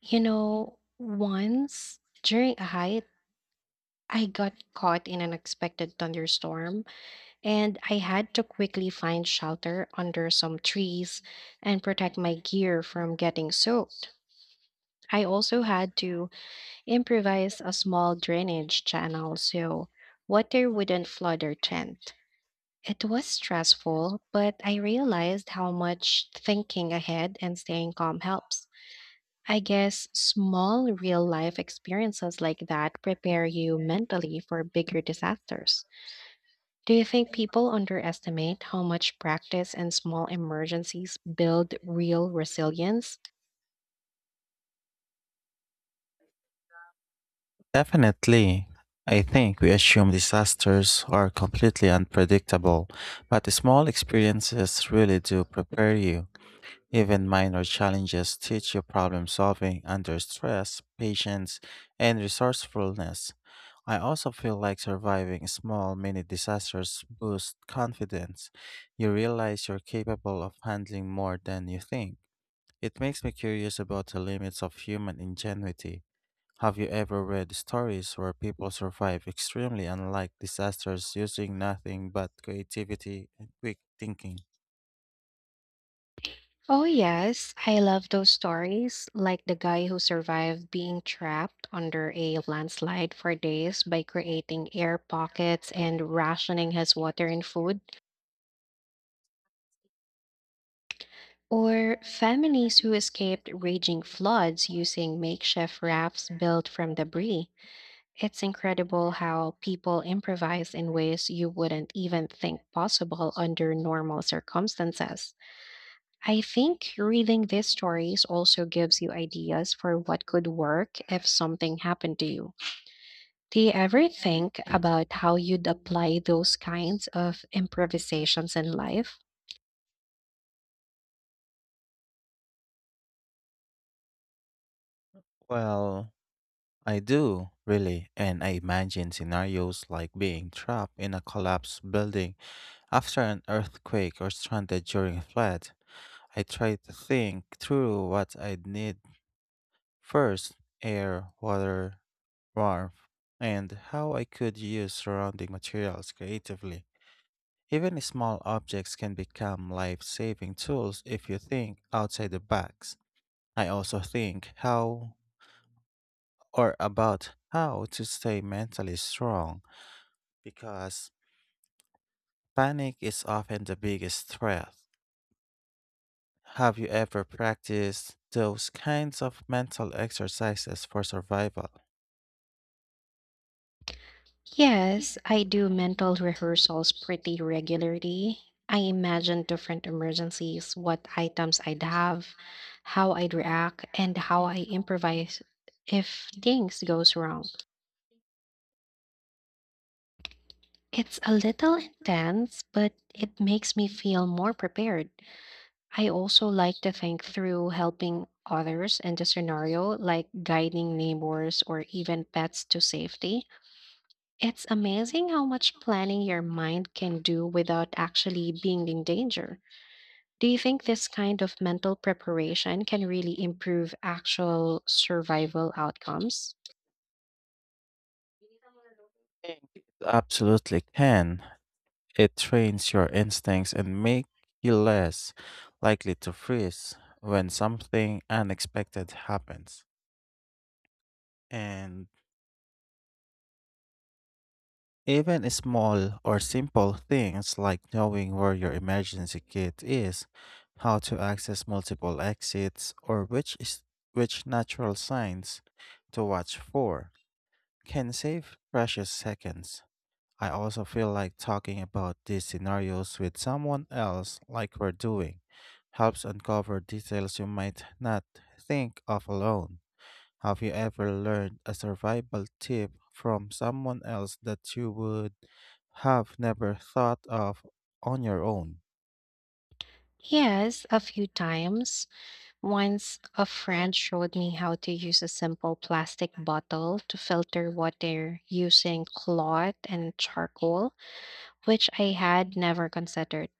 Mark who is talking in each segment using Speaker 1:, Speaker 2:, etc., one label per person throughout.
Speaker 1: You know, once during a hike, I got caught in an unexpected thunderstorm and I had to quickly find shelter under some trees and protect my gear from getting soaked. I also had to improvise a small drainage channel so water wouldn't flood our tent. It was stressful, but I realized how much thinking ahead and staying calm helps. I guess small real life experiences like that prepare you mentally for bigger disasters. Do you think people underestimate how much practice and small emergencies build real resilience?
Speaker 2: Definitely. I think we assume disasters are completely unpredictable, but the small experiences really do prepare you. Even minor challenges teach you problem solving under stress, patience, and resourcefulness. I also feel like surviving small mini disasters boosts confidence. You realize you're capable of handling more than you think. It makes me curious about the limits of human ingenuity. Have you ever read stories where people survive extremely unlike disasters using nothing but creativity and quick thinking?
Speaker 1: Oh, yes, I love those stories, like the guy who survived being trapped under a landslide for days by creating air pockets and rationing his water and food. Or families who escaped raging floods using makeshift rafts built from debris. It's incredible how people improvise in ways you wouldn't even think possible under normal circumstances. I think reading these stories also gives you ideas for what could work if something happened to you. Do you ever think about how you'd apply those kinds of improvisations in life?
Speaker 2: Well, I do, really, and I imagine scenarios like being trapped in a collapsed building after an earthquake or stranded during a flood. I try to think through what I'd need first air, water, warmth, and how I could use surrounding materials creatively. Even small objects can become life saving tools if you think outside the box. I also think how or about how to stay mentally strong because panic is often the biggest threat. Have you ever practiced those kinds of mental exercises for survival?
Speaker 1: Yes, I do mental rehearsals pretty regularly. I imagine different emergencies, what items I'd have, how I'd react, and how I improvise if things goes wrong. It's a little intense, but it makes me feel more prepared. I also like to think through helping others in the scenario, like guiding neighbors or even pets to safety. It's amazing how much planning your mind can do without actually being in danger. Do you think this kind of mental preparation can really improve actual survival outcomes?
Speaker 2: Absolutely can. It trains your instincts and make you less likely to freeze when something unexpected happens. And even small or simple things like knowing where your emergency kit is, how to access multiple exits, or which natural signs to watch for can save precious seconds. I also feel like talking about these scenarios with someone else, like we're doing, helps uncover details you might not think of alone. Have you ever learned a survival tip from someone else that you would have never thought of on your own?
Speaker 1: Yes, a few times. Once a friend showed me how to use a simple plastic bottle to filter water using cloth and charcoal, which I had never considered.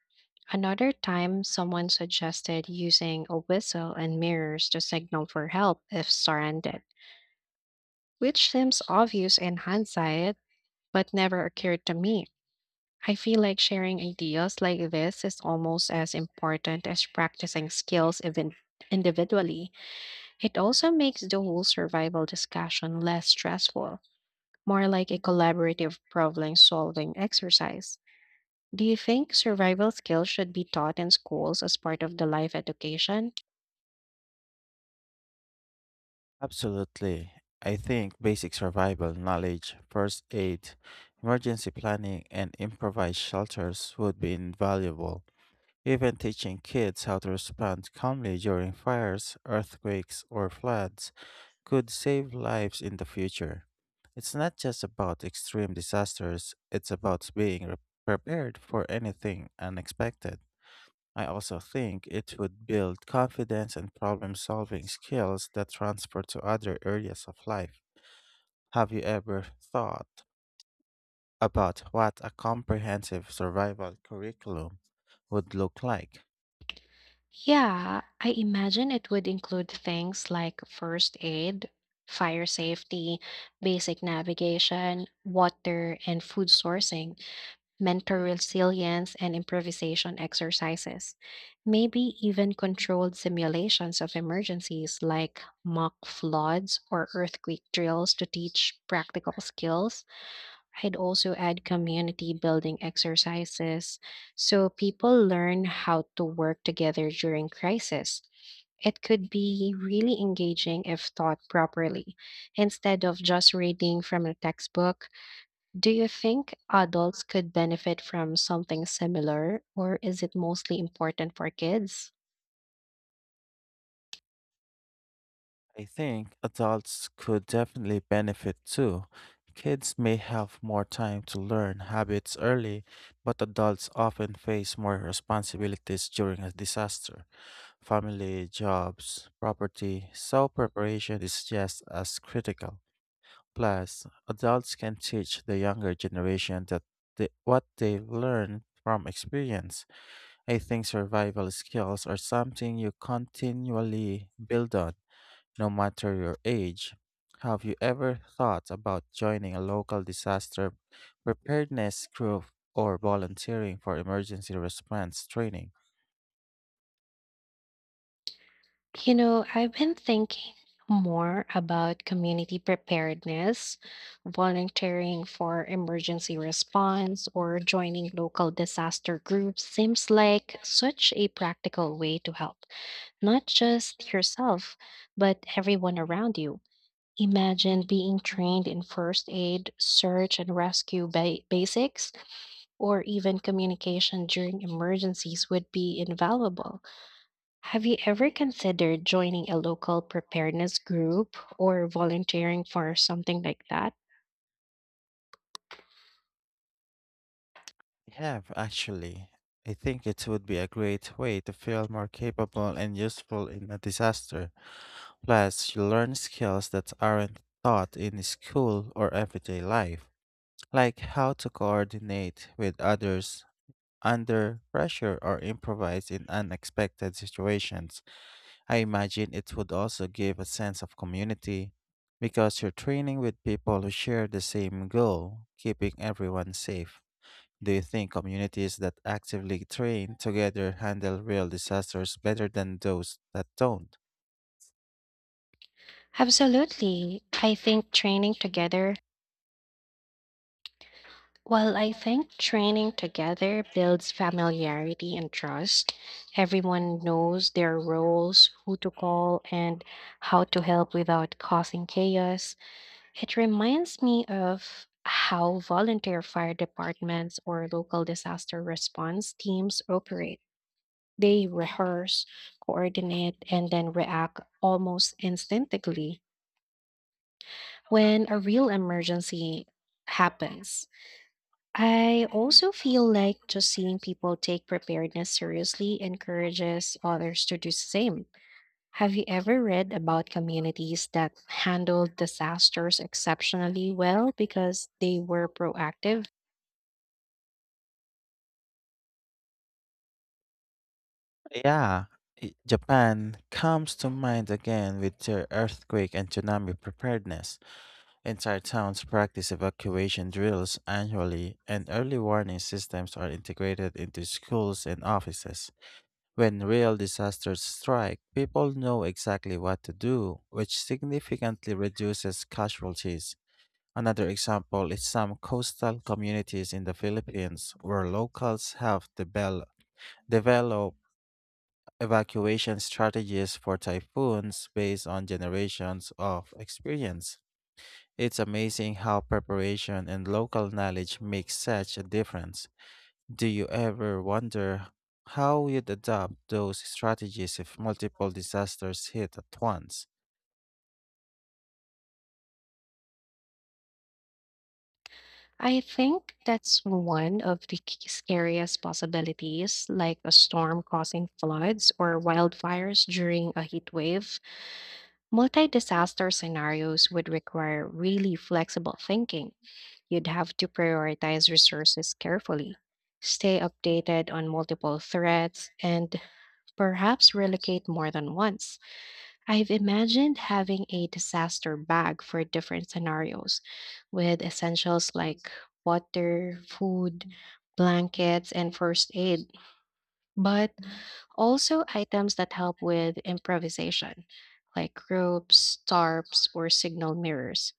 Speaker 1: Another time, someone suggested using a whistle and mirrors to signal for help if surrounded, which seems obvious in hindsight, but never occurred to me. I feel like sharing ideas like this is almost as important as practicing skills even individually. It also makes the whole survival discussion less stressful, more like a collaborative problem solving exercise. Do you think survival skills should be taught in schools as part of the life education?
Speaker 2: Absolutely. I think basic survival knowledge, first aid, emergency planning, and improvised shelters would be invaluable. Even teaching kids how to respond calmly during fires, earthquakes, or floods could save lives in the future. It's not just about extreme disasters, it's about being prepared for anything unexpected. I also think it would build confidence and problem solving skills that transfer to other areas of life. Have you ever thought about what a comprehensive survival curriculum would look like?
Speaker 1: Yeah, I imagine it would include things like first aid, fire safety, basic navigation, water and food sourcing, mental resilience, and improvisation exercises. Maybe even controlled simulations of emergencies like mock floods or earthquake drills to teach practical skills. I'd also add community building exercises so people learn how to work together during crisis. It could be really engaging if taught properly, instead of just reading from a textbook. Do you think adults could benefit from something similar, or is it mostly important for kids?
Speaker 2: I think adults could definitely benefit too. Kids may have more time to learn habits early, but adults often face more responsibilities during a disaster. Family, jobs, property, so preparation is just as critical. Plus, adults can teach the younger generation what they learned from experience. I think survival skills are something you continually build on no matter your age. Have you ever thought about joining a local disaster preparedness group or volunteering for emergency response training?
Speaker 1: You know, I've been thinking more about community preparedness, volunteering for emergency response, or joining local disaster groups seems like such a practical way to help, not just yourself, but everyone around you. Imagine being trained in first aid, search and rescue basics, or even communication during emergencies would be invaluable. Have you ever considered joining a local preparedness group or volunteering for something like that?
Speaker 2: I have, actually. I think it would be a great way to feel more capable and useful in a disaster. Plus, you learn skills that aren't taught in school or everyday life, like how to coordinate with others under pressure or improvise in unexpected situations. I imagine it would also give a sense of community because you're training with people who share the same goal, keeping everyone safe. Do you think communities that actively train together handle real disasters better than those that don't?
Speaker 1: Absolutely. I think training together builds familiarity and trust. Everyone knows their roles, who to call, and how to help without causing chaos. It reminds me of how volunteer fire departments or local disaster response teams operate. They rehearse, coordinate, and then react almost instinctively when a real emergency happens. I also feel like just seeing people take preparedness seriously encourages others to do the same. Have you ever read about communities that handled disasters exceptionally well because they were proactive?
Speaker 2: Yeah, Japan comes to mind again with their earthquake and tsunami preparedness. Entire towns practice evacuation drills annually, and early warning systems are integrated into schools and offices. When real disasters strike, people know exactly what to do, which significantly reduces casualties. Another example is some coastal communities in the Philippines where locals have developed evacuation strategies for typhoons based on generations of experience. It's amazing how preparation and local knowledge make such a difference. Do you ever wonder how you'd adapt those strategies if multiple disasters hit at once?
Speaker 1: I think that's one of the scariest possibilities, like a storm causing floods or wildfires during a heat wave. Multi disaster scenarios would require really flexible thinking. You'd have to prioritize resources carefully, stay updated on multiple threats, and perhaps relocate more than once. I've imagined having a disaster bag for different scenarios with essentials like water, food, blankets, and first aid, but also items that help with improvisation, like ropes, tarps, or signal mirrors.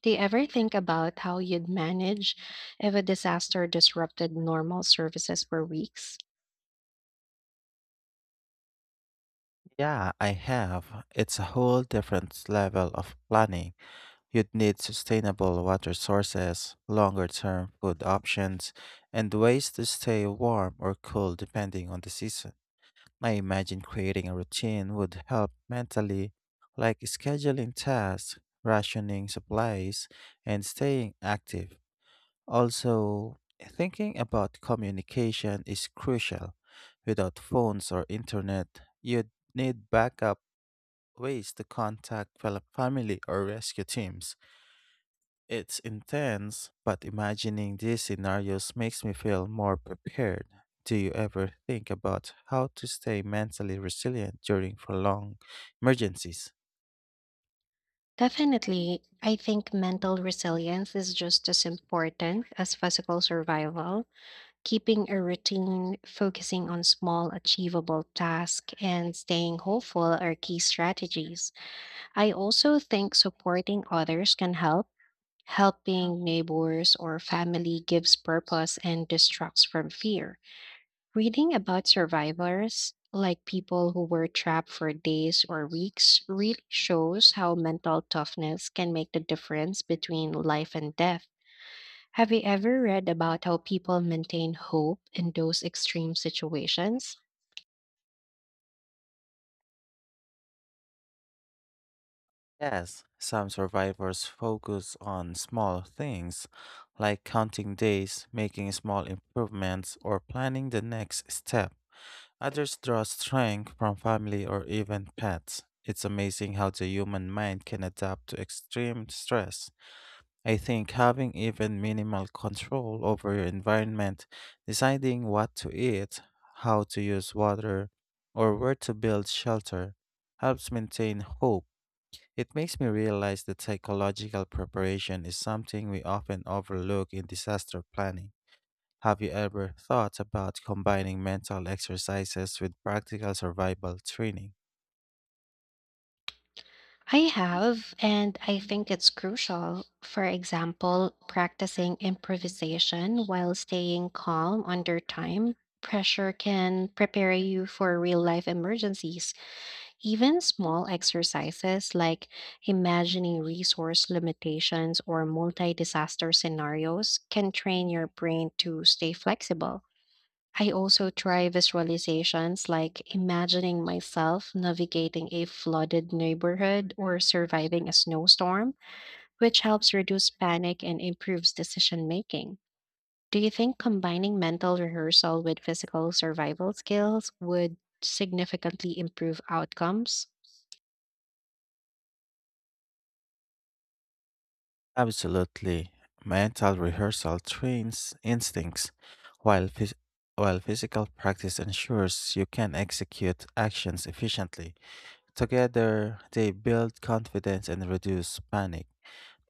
Speaker 1: Do you ever think about how you'd manage if a disaster disrupted normal services for weeks?
Speaker 2: Yeah, I have. It's a whole different level of planning. You'd need sustainable water sources, longer term food options, and ways to stay warm or cool depending on the season. I imagine creating a routine would help mentally, like scheduling tasks, rationing supplies, and staying active. Also, thinking about communication is crucial. Without phones or internet, you'd need backup ways to contact fellow family or rescue teams. It's intense, but imagining these scenarios makes me feel more prepared. Do you ever think about how to stay mentally resilient during prolonged emergencies?
Speaker 1: Definitely. I think mental resilience is just as important as physical survival. Keeping a routine, focusing on small, achievable tasks, and staying hopeful are key strategies. I also think supporting others can help. Helping neighbors or family gives purpose and distracts from fear. Reading about survivors, like people who were trapped for days or weeks, really shows how mental toughness can make the difference between life and death. Have you ever read about how people maintain hope in those extreme situations?
Speaker 2: Yes, some survivors focus on small things, like counting days, making small improvements, or planning the next step. Others draw strength from family or even pets. It's amazing how the human mind can adapt to extreme stress. I think having even minimal control over your environment, deciding what to eat, how to use water, or where to build shelter, helps maintain hope. It makes me realize that psychological preparation is something we often overlook in disaster planning. Have you ever thought about combining mental exercises with practical survival training?
Speaker 1: I have, and I think it's crucial. For example, practicing improvisation while staying calm under time pressure can prepare you for real life emergencies. Even small exercises like imagining resource limitations or multi disaster scenarios can train your brain to stay flexible. I also try visualizations like imagining myself navigating a flooded neighborhood or surviving a snowstorm, which helps reduce panic and improves decision making. Do you think combining mental rehearsal with physical survival skills would significantly improve outcomes?
Speaker 2: Absolutely. Mental rehearsal trains instincts, while, phys- while physical practice ensures you can execute actions efficiently. Together, they build confidence and reduce panic.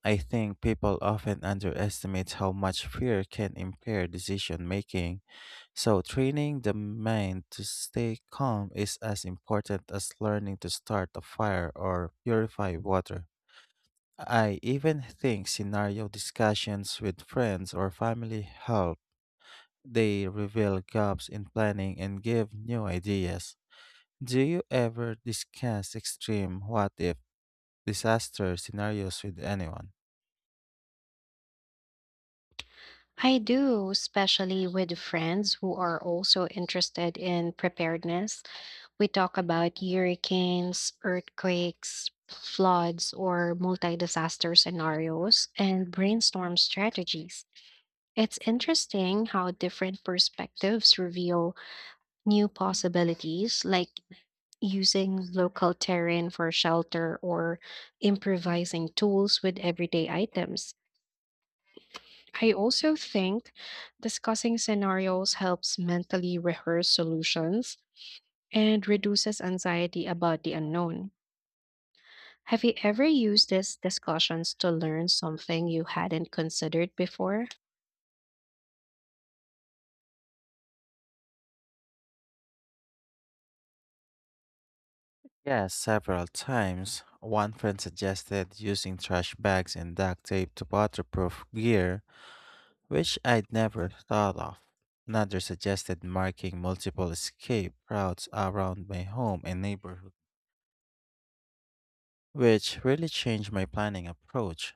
Speaker 2: I think people often underestimate how much fear can impair decision making, so training the mind to stay calm is as important as learning to start a fire or purify water. I even think scenario discussions with friends or family help. They reveal gaps in planning and give new ideas. Do you ever discuss extreme what if disaster scenarios with anyone?
Speaker 1: I do, especially with friends who are also interested in preparedness. We talk about hurricanes, earthquakes, floods, or multi disaster scenarios and brainstorm strategies. It's interesting how different perspectives reveal new possibilities, like using local terrain for shelter or improvising tools with everyday items. I also think discussing scenarios helps mentally rehearse solutions and reduces anxiety about the unknown. Have you ever used these discussions to learn something you hadn't considered before?
Speaker 2: Yes, several times. One friend suggested using trash bags and duct tape to waterproof gear, which I'd never thought of. Another suggested marking multiple escape routes around my home and neighborhood, which really changed my planning approach.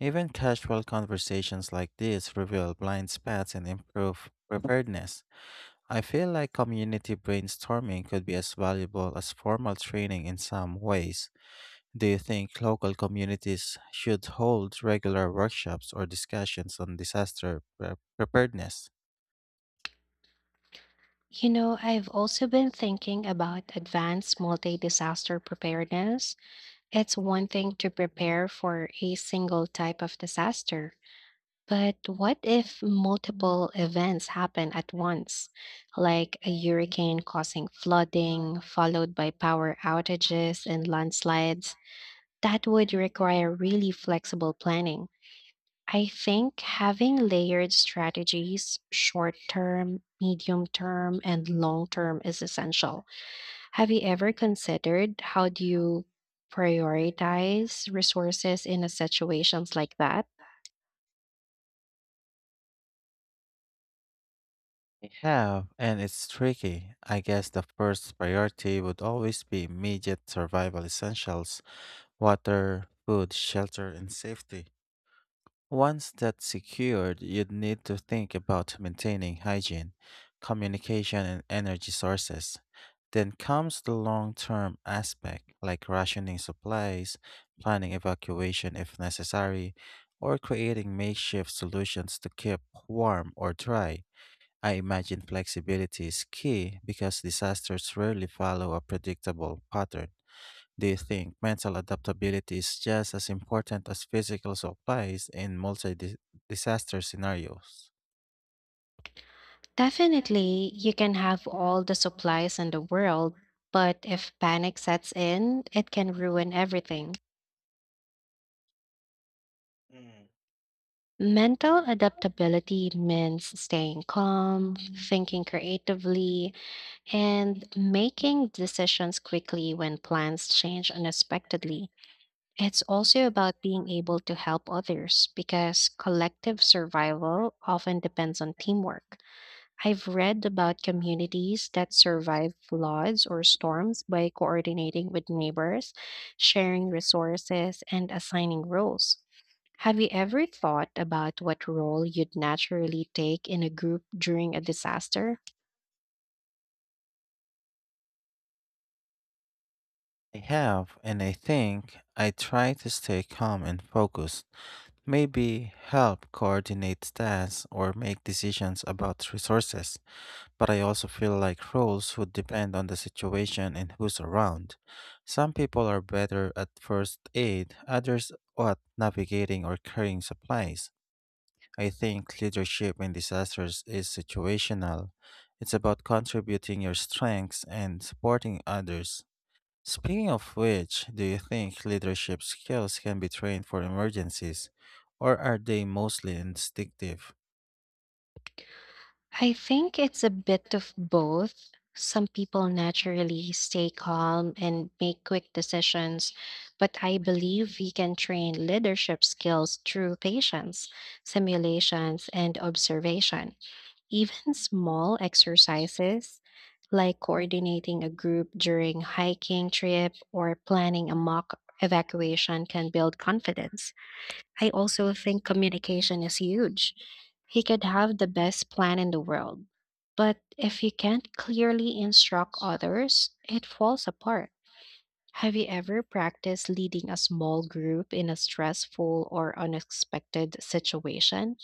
Speaker 2: Even casual conversations like this reveal blind spots and improve preparedness. I feel like community brainstorming could be as valuable as formal training in some ways. Do you think local communities should hold regular workshops or discussions on disaster preparedness?
Speaker 1: You know, I've also been thinking about advanced multi disaster preparedness. It's one thing to prepare for a single type of disaster, but what if multiple events happen at once, like a hurricane causing flooding, followed by power outages and landslides? That would require really flexible planning. I think having layered strategies, short term, medium term, and long term, is essential. Have you ever considered how do you prioritize resources in a situations like that?
Speaker 2: I have, and it's tricky. I guess the first priority would always be immediate survival essentials water, food, shelter, and safety. Once that's secured, you'd need to think about maintaining hygiene, communication, and energy sources. Then comes the long term aspect, like rationing supplies, planning evacuation if necessary, or creating makeshift solutions to keep warm or dry. I imagine flexibility is key because disasters rarely follow a predictable pattern. Do you think mental adaptability is just as important as physical supplies in multi disaster scenarios?
Speaker 1: Definitely, you can have all the supplies in the world, but if panic sets in, it can ruin everything. Mental adaptability means staying calm, thinking creatively, and making decisions quickly when plans change unexpectedly. It's also about being able to help others because collective survival often depends on teamwork. I've read about communities that survive floods or storms by coordinating with neighbors, sharing resources, and assigning roles. Have you ever thought about what role you'd naturally take in a group during a disaster?
Speaker 2: I have, and I think I try to stay calm and focused, maybe help coordinate tasks or make decisions about resources, but I also feel like roles would depend on the situation and who's around. Some people are better at first aid, others at navigating or carrying supplies. I think leadership in disasters is situational. It's about contributing your strengths and supporting others. Speaking of which, do you think leadership skills can be trained for emergencies, or are they mostly instinctive?
Speaker 1: I think it's a bit of both. Some people naturally stay calm and make quick decisions, but I believe we can train leadership skills through patience, simulations, and observation. Even small exercises like coordinating a group during hiking trip or planning a mock evacuation can build confidence. I also think communication is huge. He could have the best plan in the world, but if you can't clearly instruct others, it falls apart. Have you ever practiced leading a small group in a stressful or unexpected situation?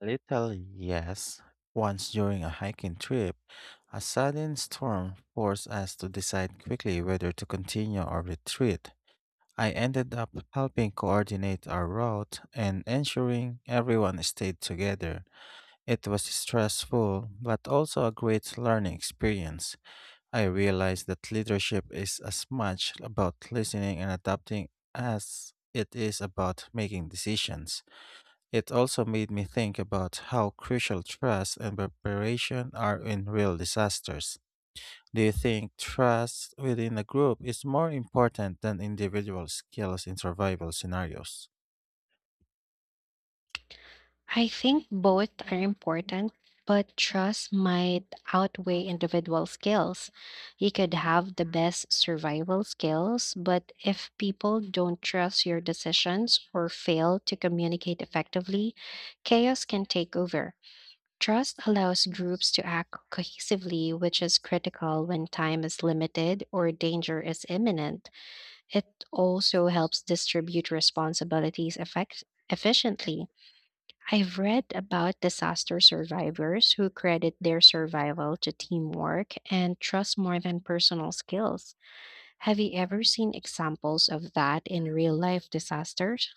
Speaker 2: Little yes. Once during a hiking trip, a sudden storm forced us to decide quickly whether to continue or retreat. I ended up helping coordinate our route and ensuring everyone stayed together. It was stressful, but also a great learning experience. I realized that leadership is as much about listening and adapting as it is about making decisions. It also made me think about how crucial trust and preparation are in real disasters. Do you think trust within a group is more important than individual skills in survival scenarios?
Speaker 1: I think both are important, but trust might outweigh individual skills. You could have the best survival skills, but if people don't trust your decisions or fail to communicate effectively, chaos can take over. Trust allows groups to act cohesively, which is critical when time is limited or danger is imminent. It also helps distribute responsibilities efficiently. I've read about disaster survivors who credit their survival to teamwork and trust more than personal skills. Have you ever seen examples of that in real life disasters?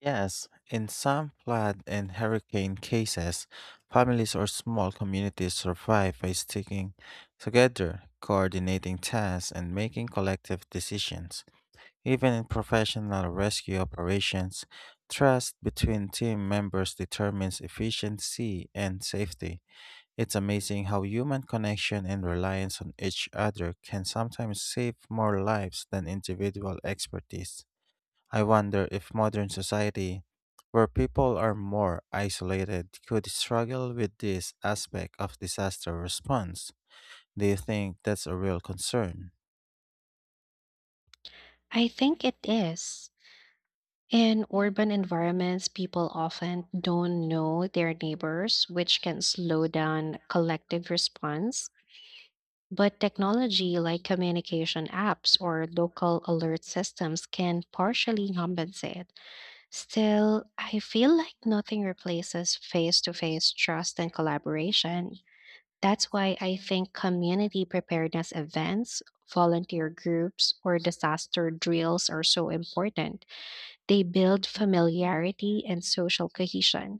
Speaker 2: Yes, in some flood and hurricane cases, families or small communities survive by sticking together, coordinating tasks, and making collective decisions. Even in professional rescue operations, trust between team members determines efficiency and safety. It's amazing how human connection and reliance on each other can sometimes save more lives than individual expertise. I wonder if modern society, where people are more isolated, could struggle with this aspect of disaster response. Do you think that's a real concern?
Speaker 1: I think it is. In urban environments, people often don't know their neighbors, which can slow down collective response. But technology like communication apps or local alert systems can partially compensate. Still, I feel like nothing replaces face to face trust and collaboration. That's why I think community preparedness events, volunteer groups, or disaster drills are so important. They build familiarity and social cohesion.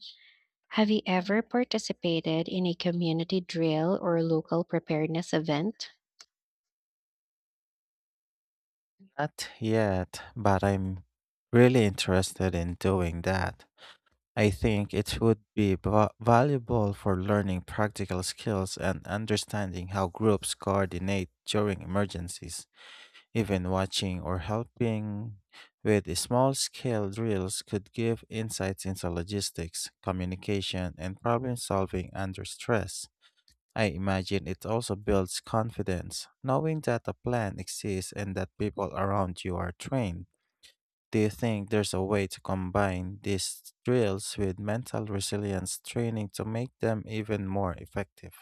Speaker 1: Have you ever participated in a community drill or local preparedness event?
Speaker 2: Not yet, but I'm really interested in doing that. I think it would be valuable for learning practical skills and understanding how groups coordinate during emergencies. Even watching or helping with small scale drills could give insights into logistics, communication, and problem solving under stress. I imagine it also builds confidence, knowing that a plan exists and that people around you are trained. Do you think there's a way to combine these drills with mental resilience training to make them even more effective?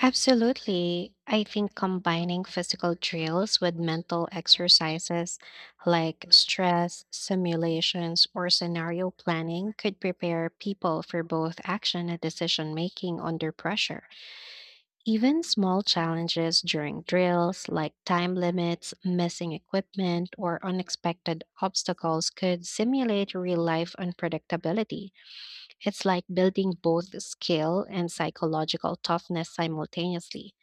Speaker 1: Absolutely. I think combining physical drills with mental exercises like stress, simulations, or scenario planning could prepare people for both action and decision making under pressure. Even small challenges during drills like time limits, missing equipment, or unexpected obstacles could simulate real life unpredictability. It's like building both skill and psychological toughness simultaneously.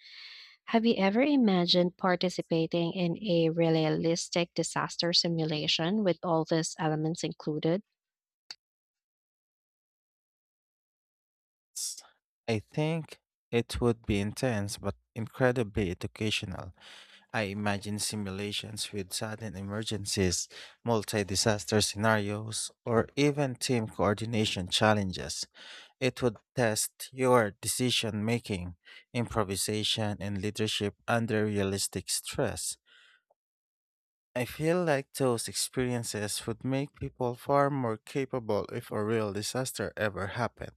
Speaker 1: Have you ever imagined participating in a realistic disaster simulation with all these elements included?
Speaker 2: S- I think it would be intense but incredibly educational. I imagine simulations with sudden emergencies, multi disaster scenarios, or even team coordination challenges. It would test your decision making, improvisation, and leadership under realistic stress. I feel like those experiences would make people far more capable if a real disaster ever happened.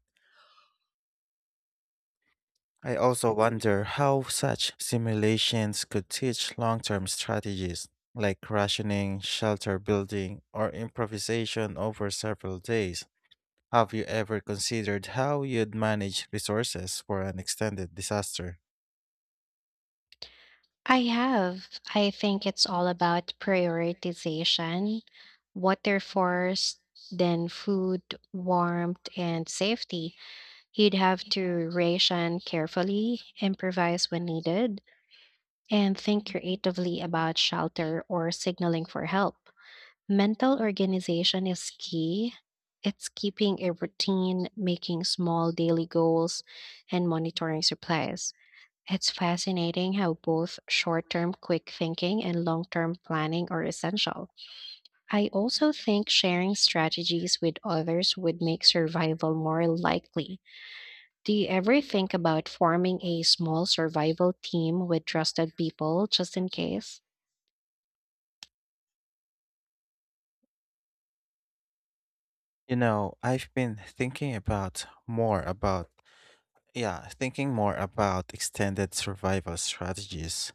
Speaker 2: I also wonder how such simulations could teach long term strategies like rationing, shelter building, or improvisation over several days. Have you ever considered how you'd manage resources for an extended disaster?
Speaker 1: I have. I think it's all about prioritization, water first, then food, warmth, and safety. You'd have to ration carefully, improvise when needed, and think creatively about shelter or signaling for help. Mental organization is key. It's keeping a routine, making small daily goals, and monitoring supplies. It's fascinating how both short term quick thinking and long term planning are essential. I also think sharing strategies with others would make survival more likely. Do you ever think about forming a small survival team with trusted people just in case?
Speaker 2: You know, I've been thinking about more about Yeah, thinking more about extended survival strategies.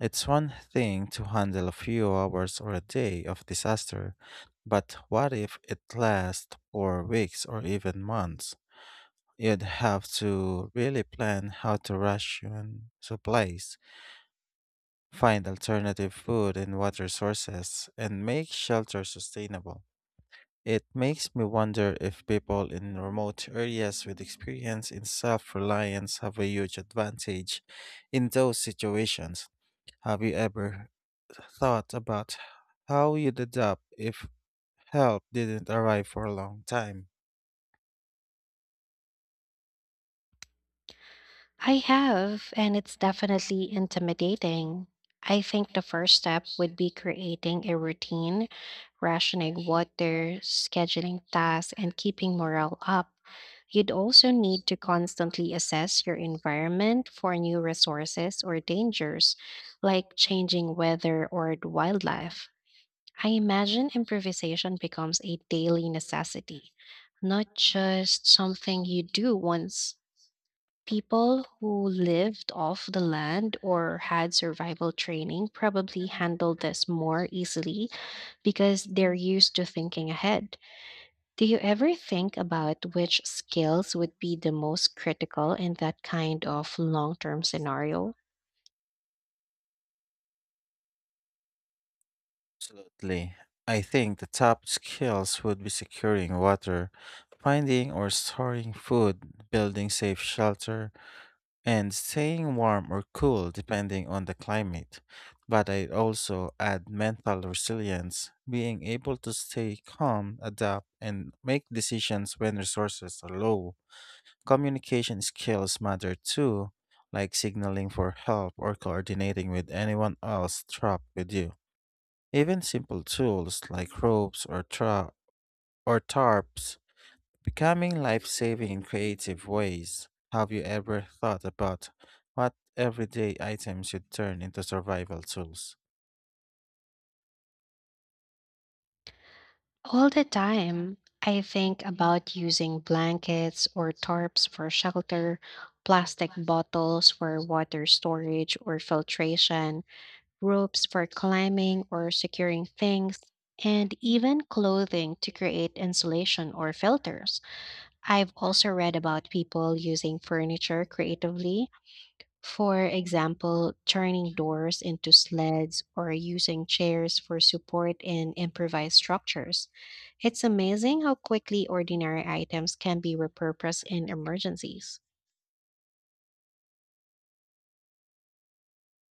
Speaker 2: It's one thing to handle a few hours or a day of disaster, but what if it lasts for weeks or even months? You'd have to really plan how to ration supplies, find alternative food and water sources, and make shelter sustainable. It makes me wonder if people in remote areas with experience in self reliance have a huge advantage in those situations. Have you ever thought about how you'd adapt if help didn't arrive for a long time?
Speaker 1: I have, and it's definitely intimidating. I think the first step would be creating a routine, rationing water, scheduling tasks, and keeping morale up. You'd also need to constantly assess your environment for new resources or dangers, like changing weather or the wildlife. I imagine improvisation becomes a daily necessity, not just something you do once. People who lived off the land or had survival training probably handled this more easily because they're used to thinking ahead. Do you ever think about which skills would be the most critical in that kind of long term scenario?
Speaker 2: Absolutely. I think the top skills would be securing water, finding or storing food, building safe shelter, and staying warm or cool depending on the climate. But I also add mental resilience, being able to stay calm, adapt, and make decisions when resources are low. Communication skills matter too, like signaling for help or coordinating with anyone else trapped with you. Even simple tools like ropes or tarps becoming life saving in creative ways. Have you ever thought about what everyday items you'd turn into survival tools?
Speaker 1: All the time, I think about using blankets or tarps for shelter, plastic bottles for water storage or filtration, ropes for climbing or securing things, and even clothing to create insulation or filters. I've also read about people using furniture creatively, for example, turning doors into sleds or using chairs for support in improvised structures. It's amazing how quickly ordinary items can be repurposed in emergencies.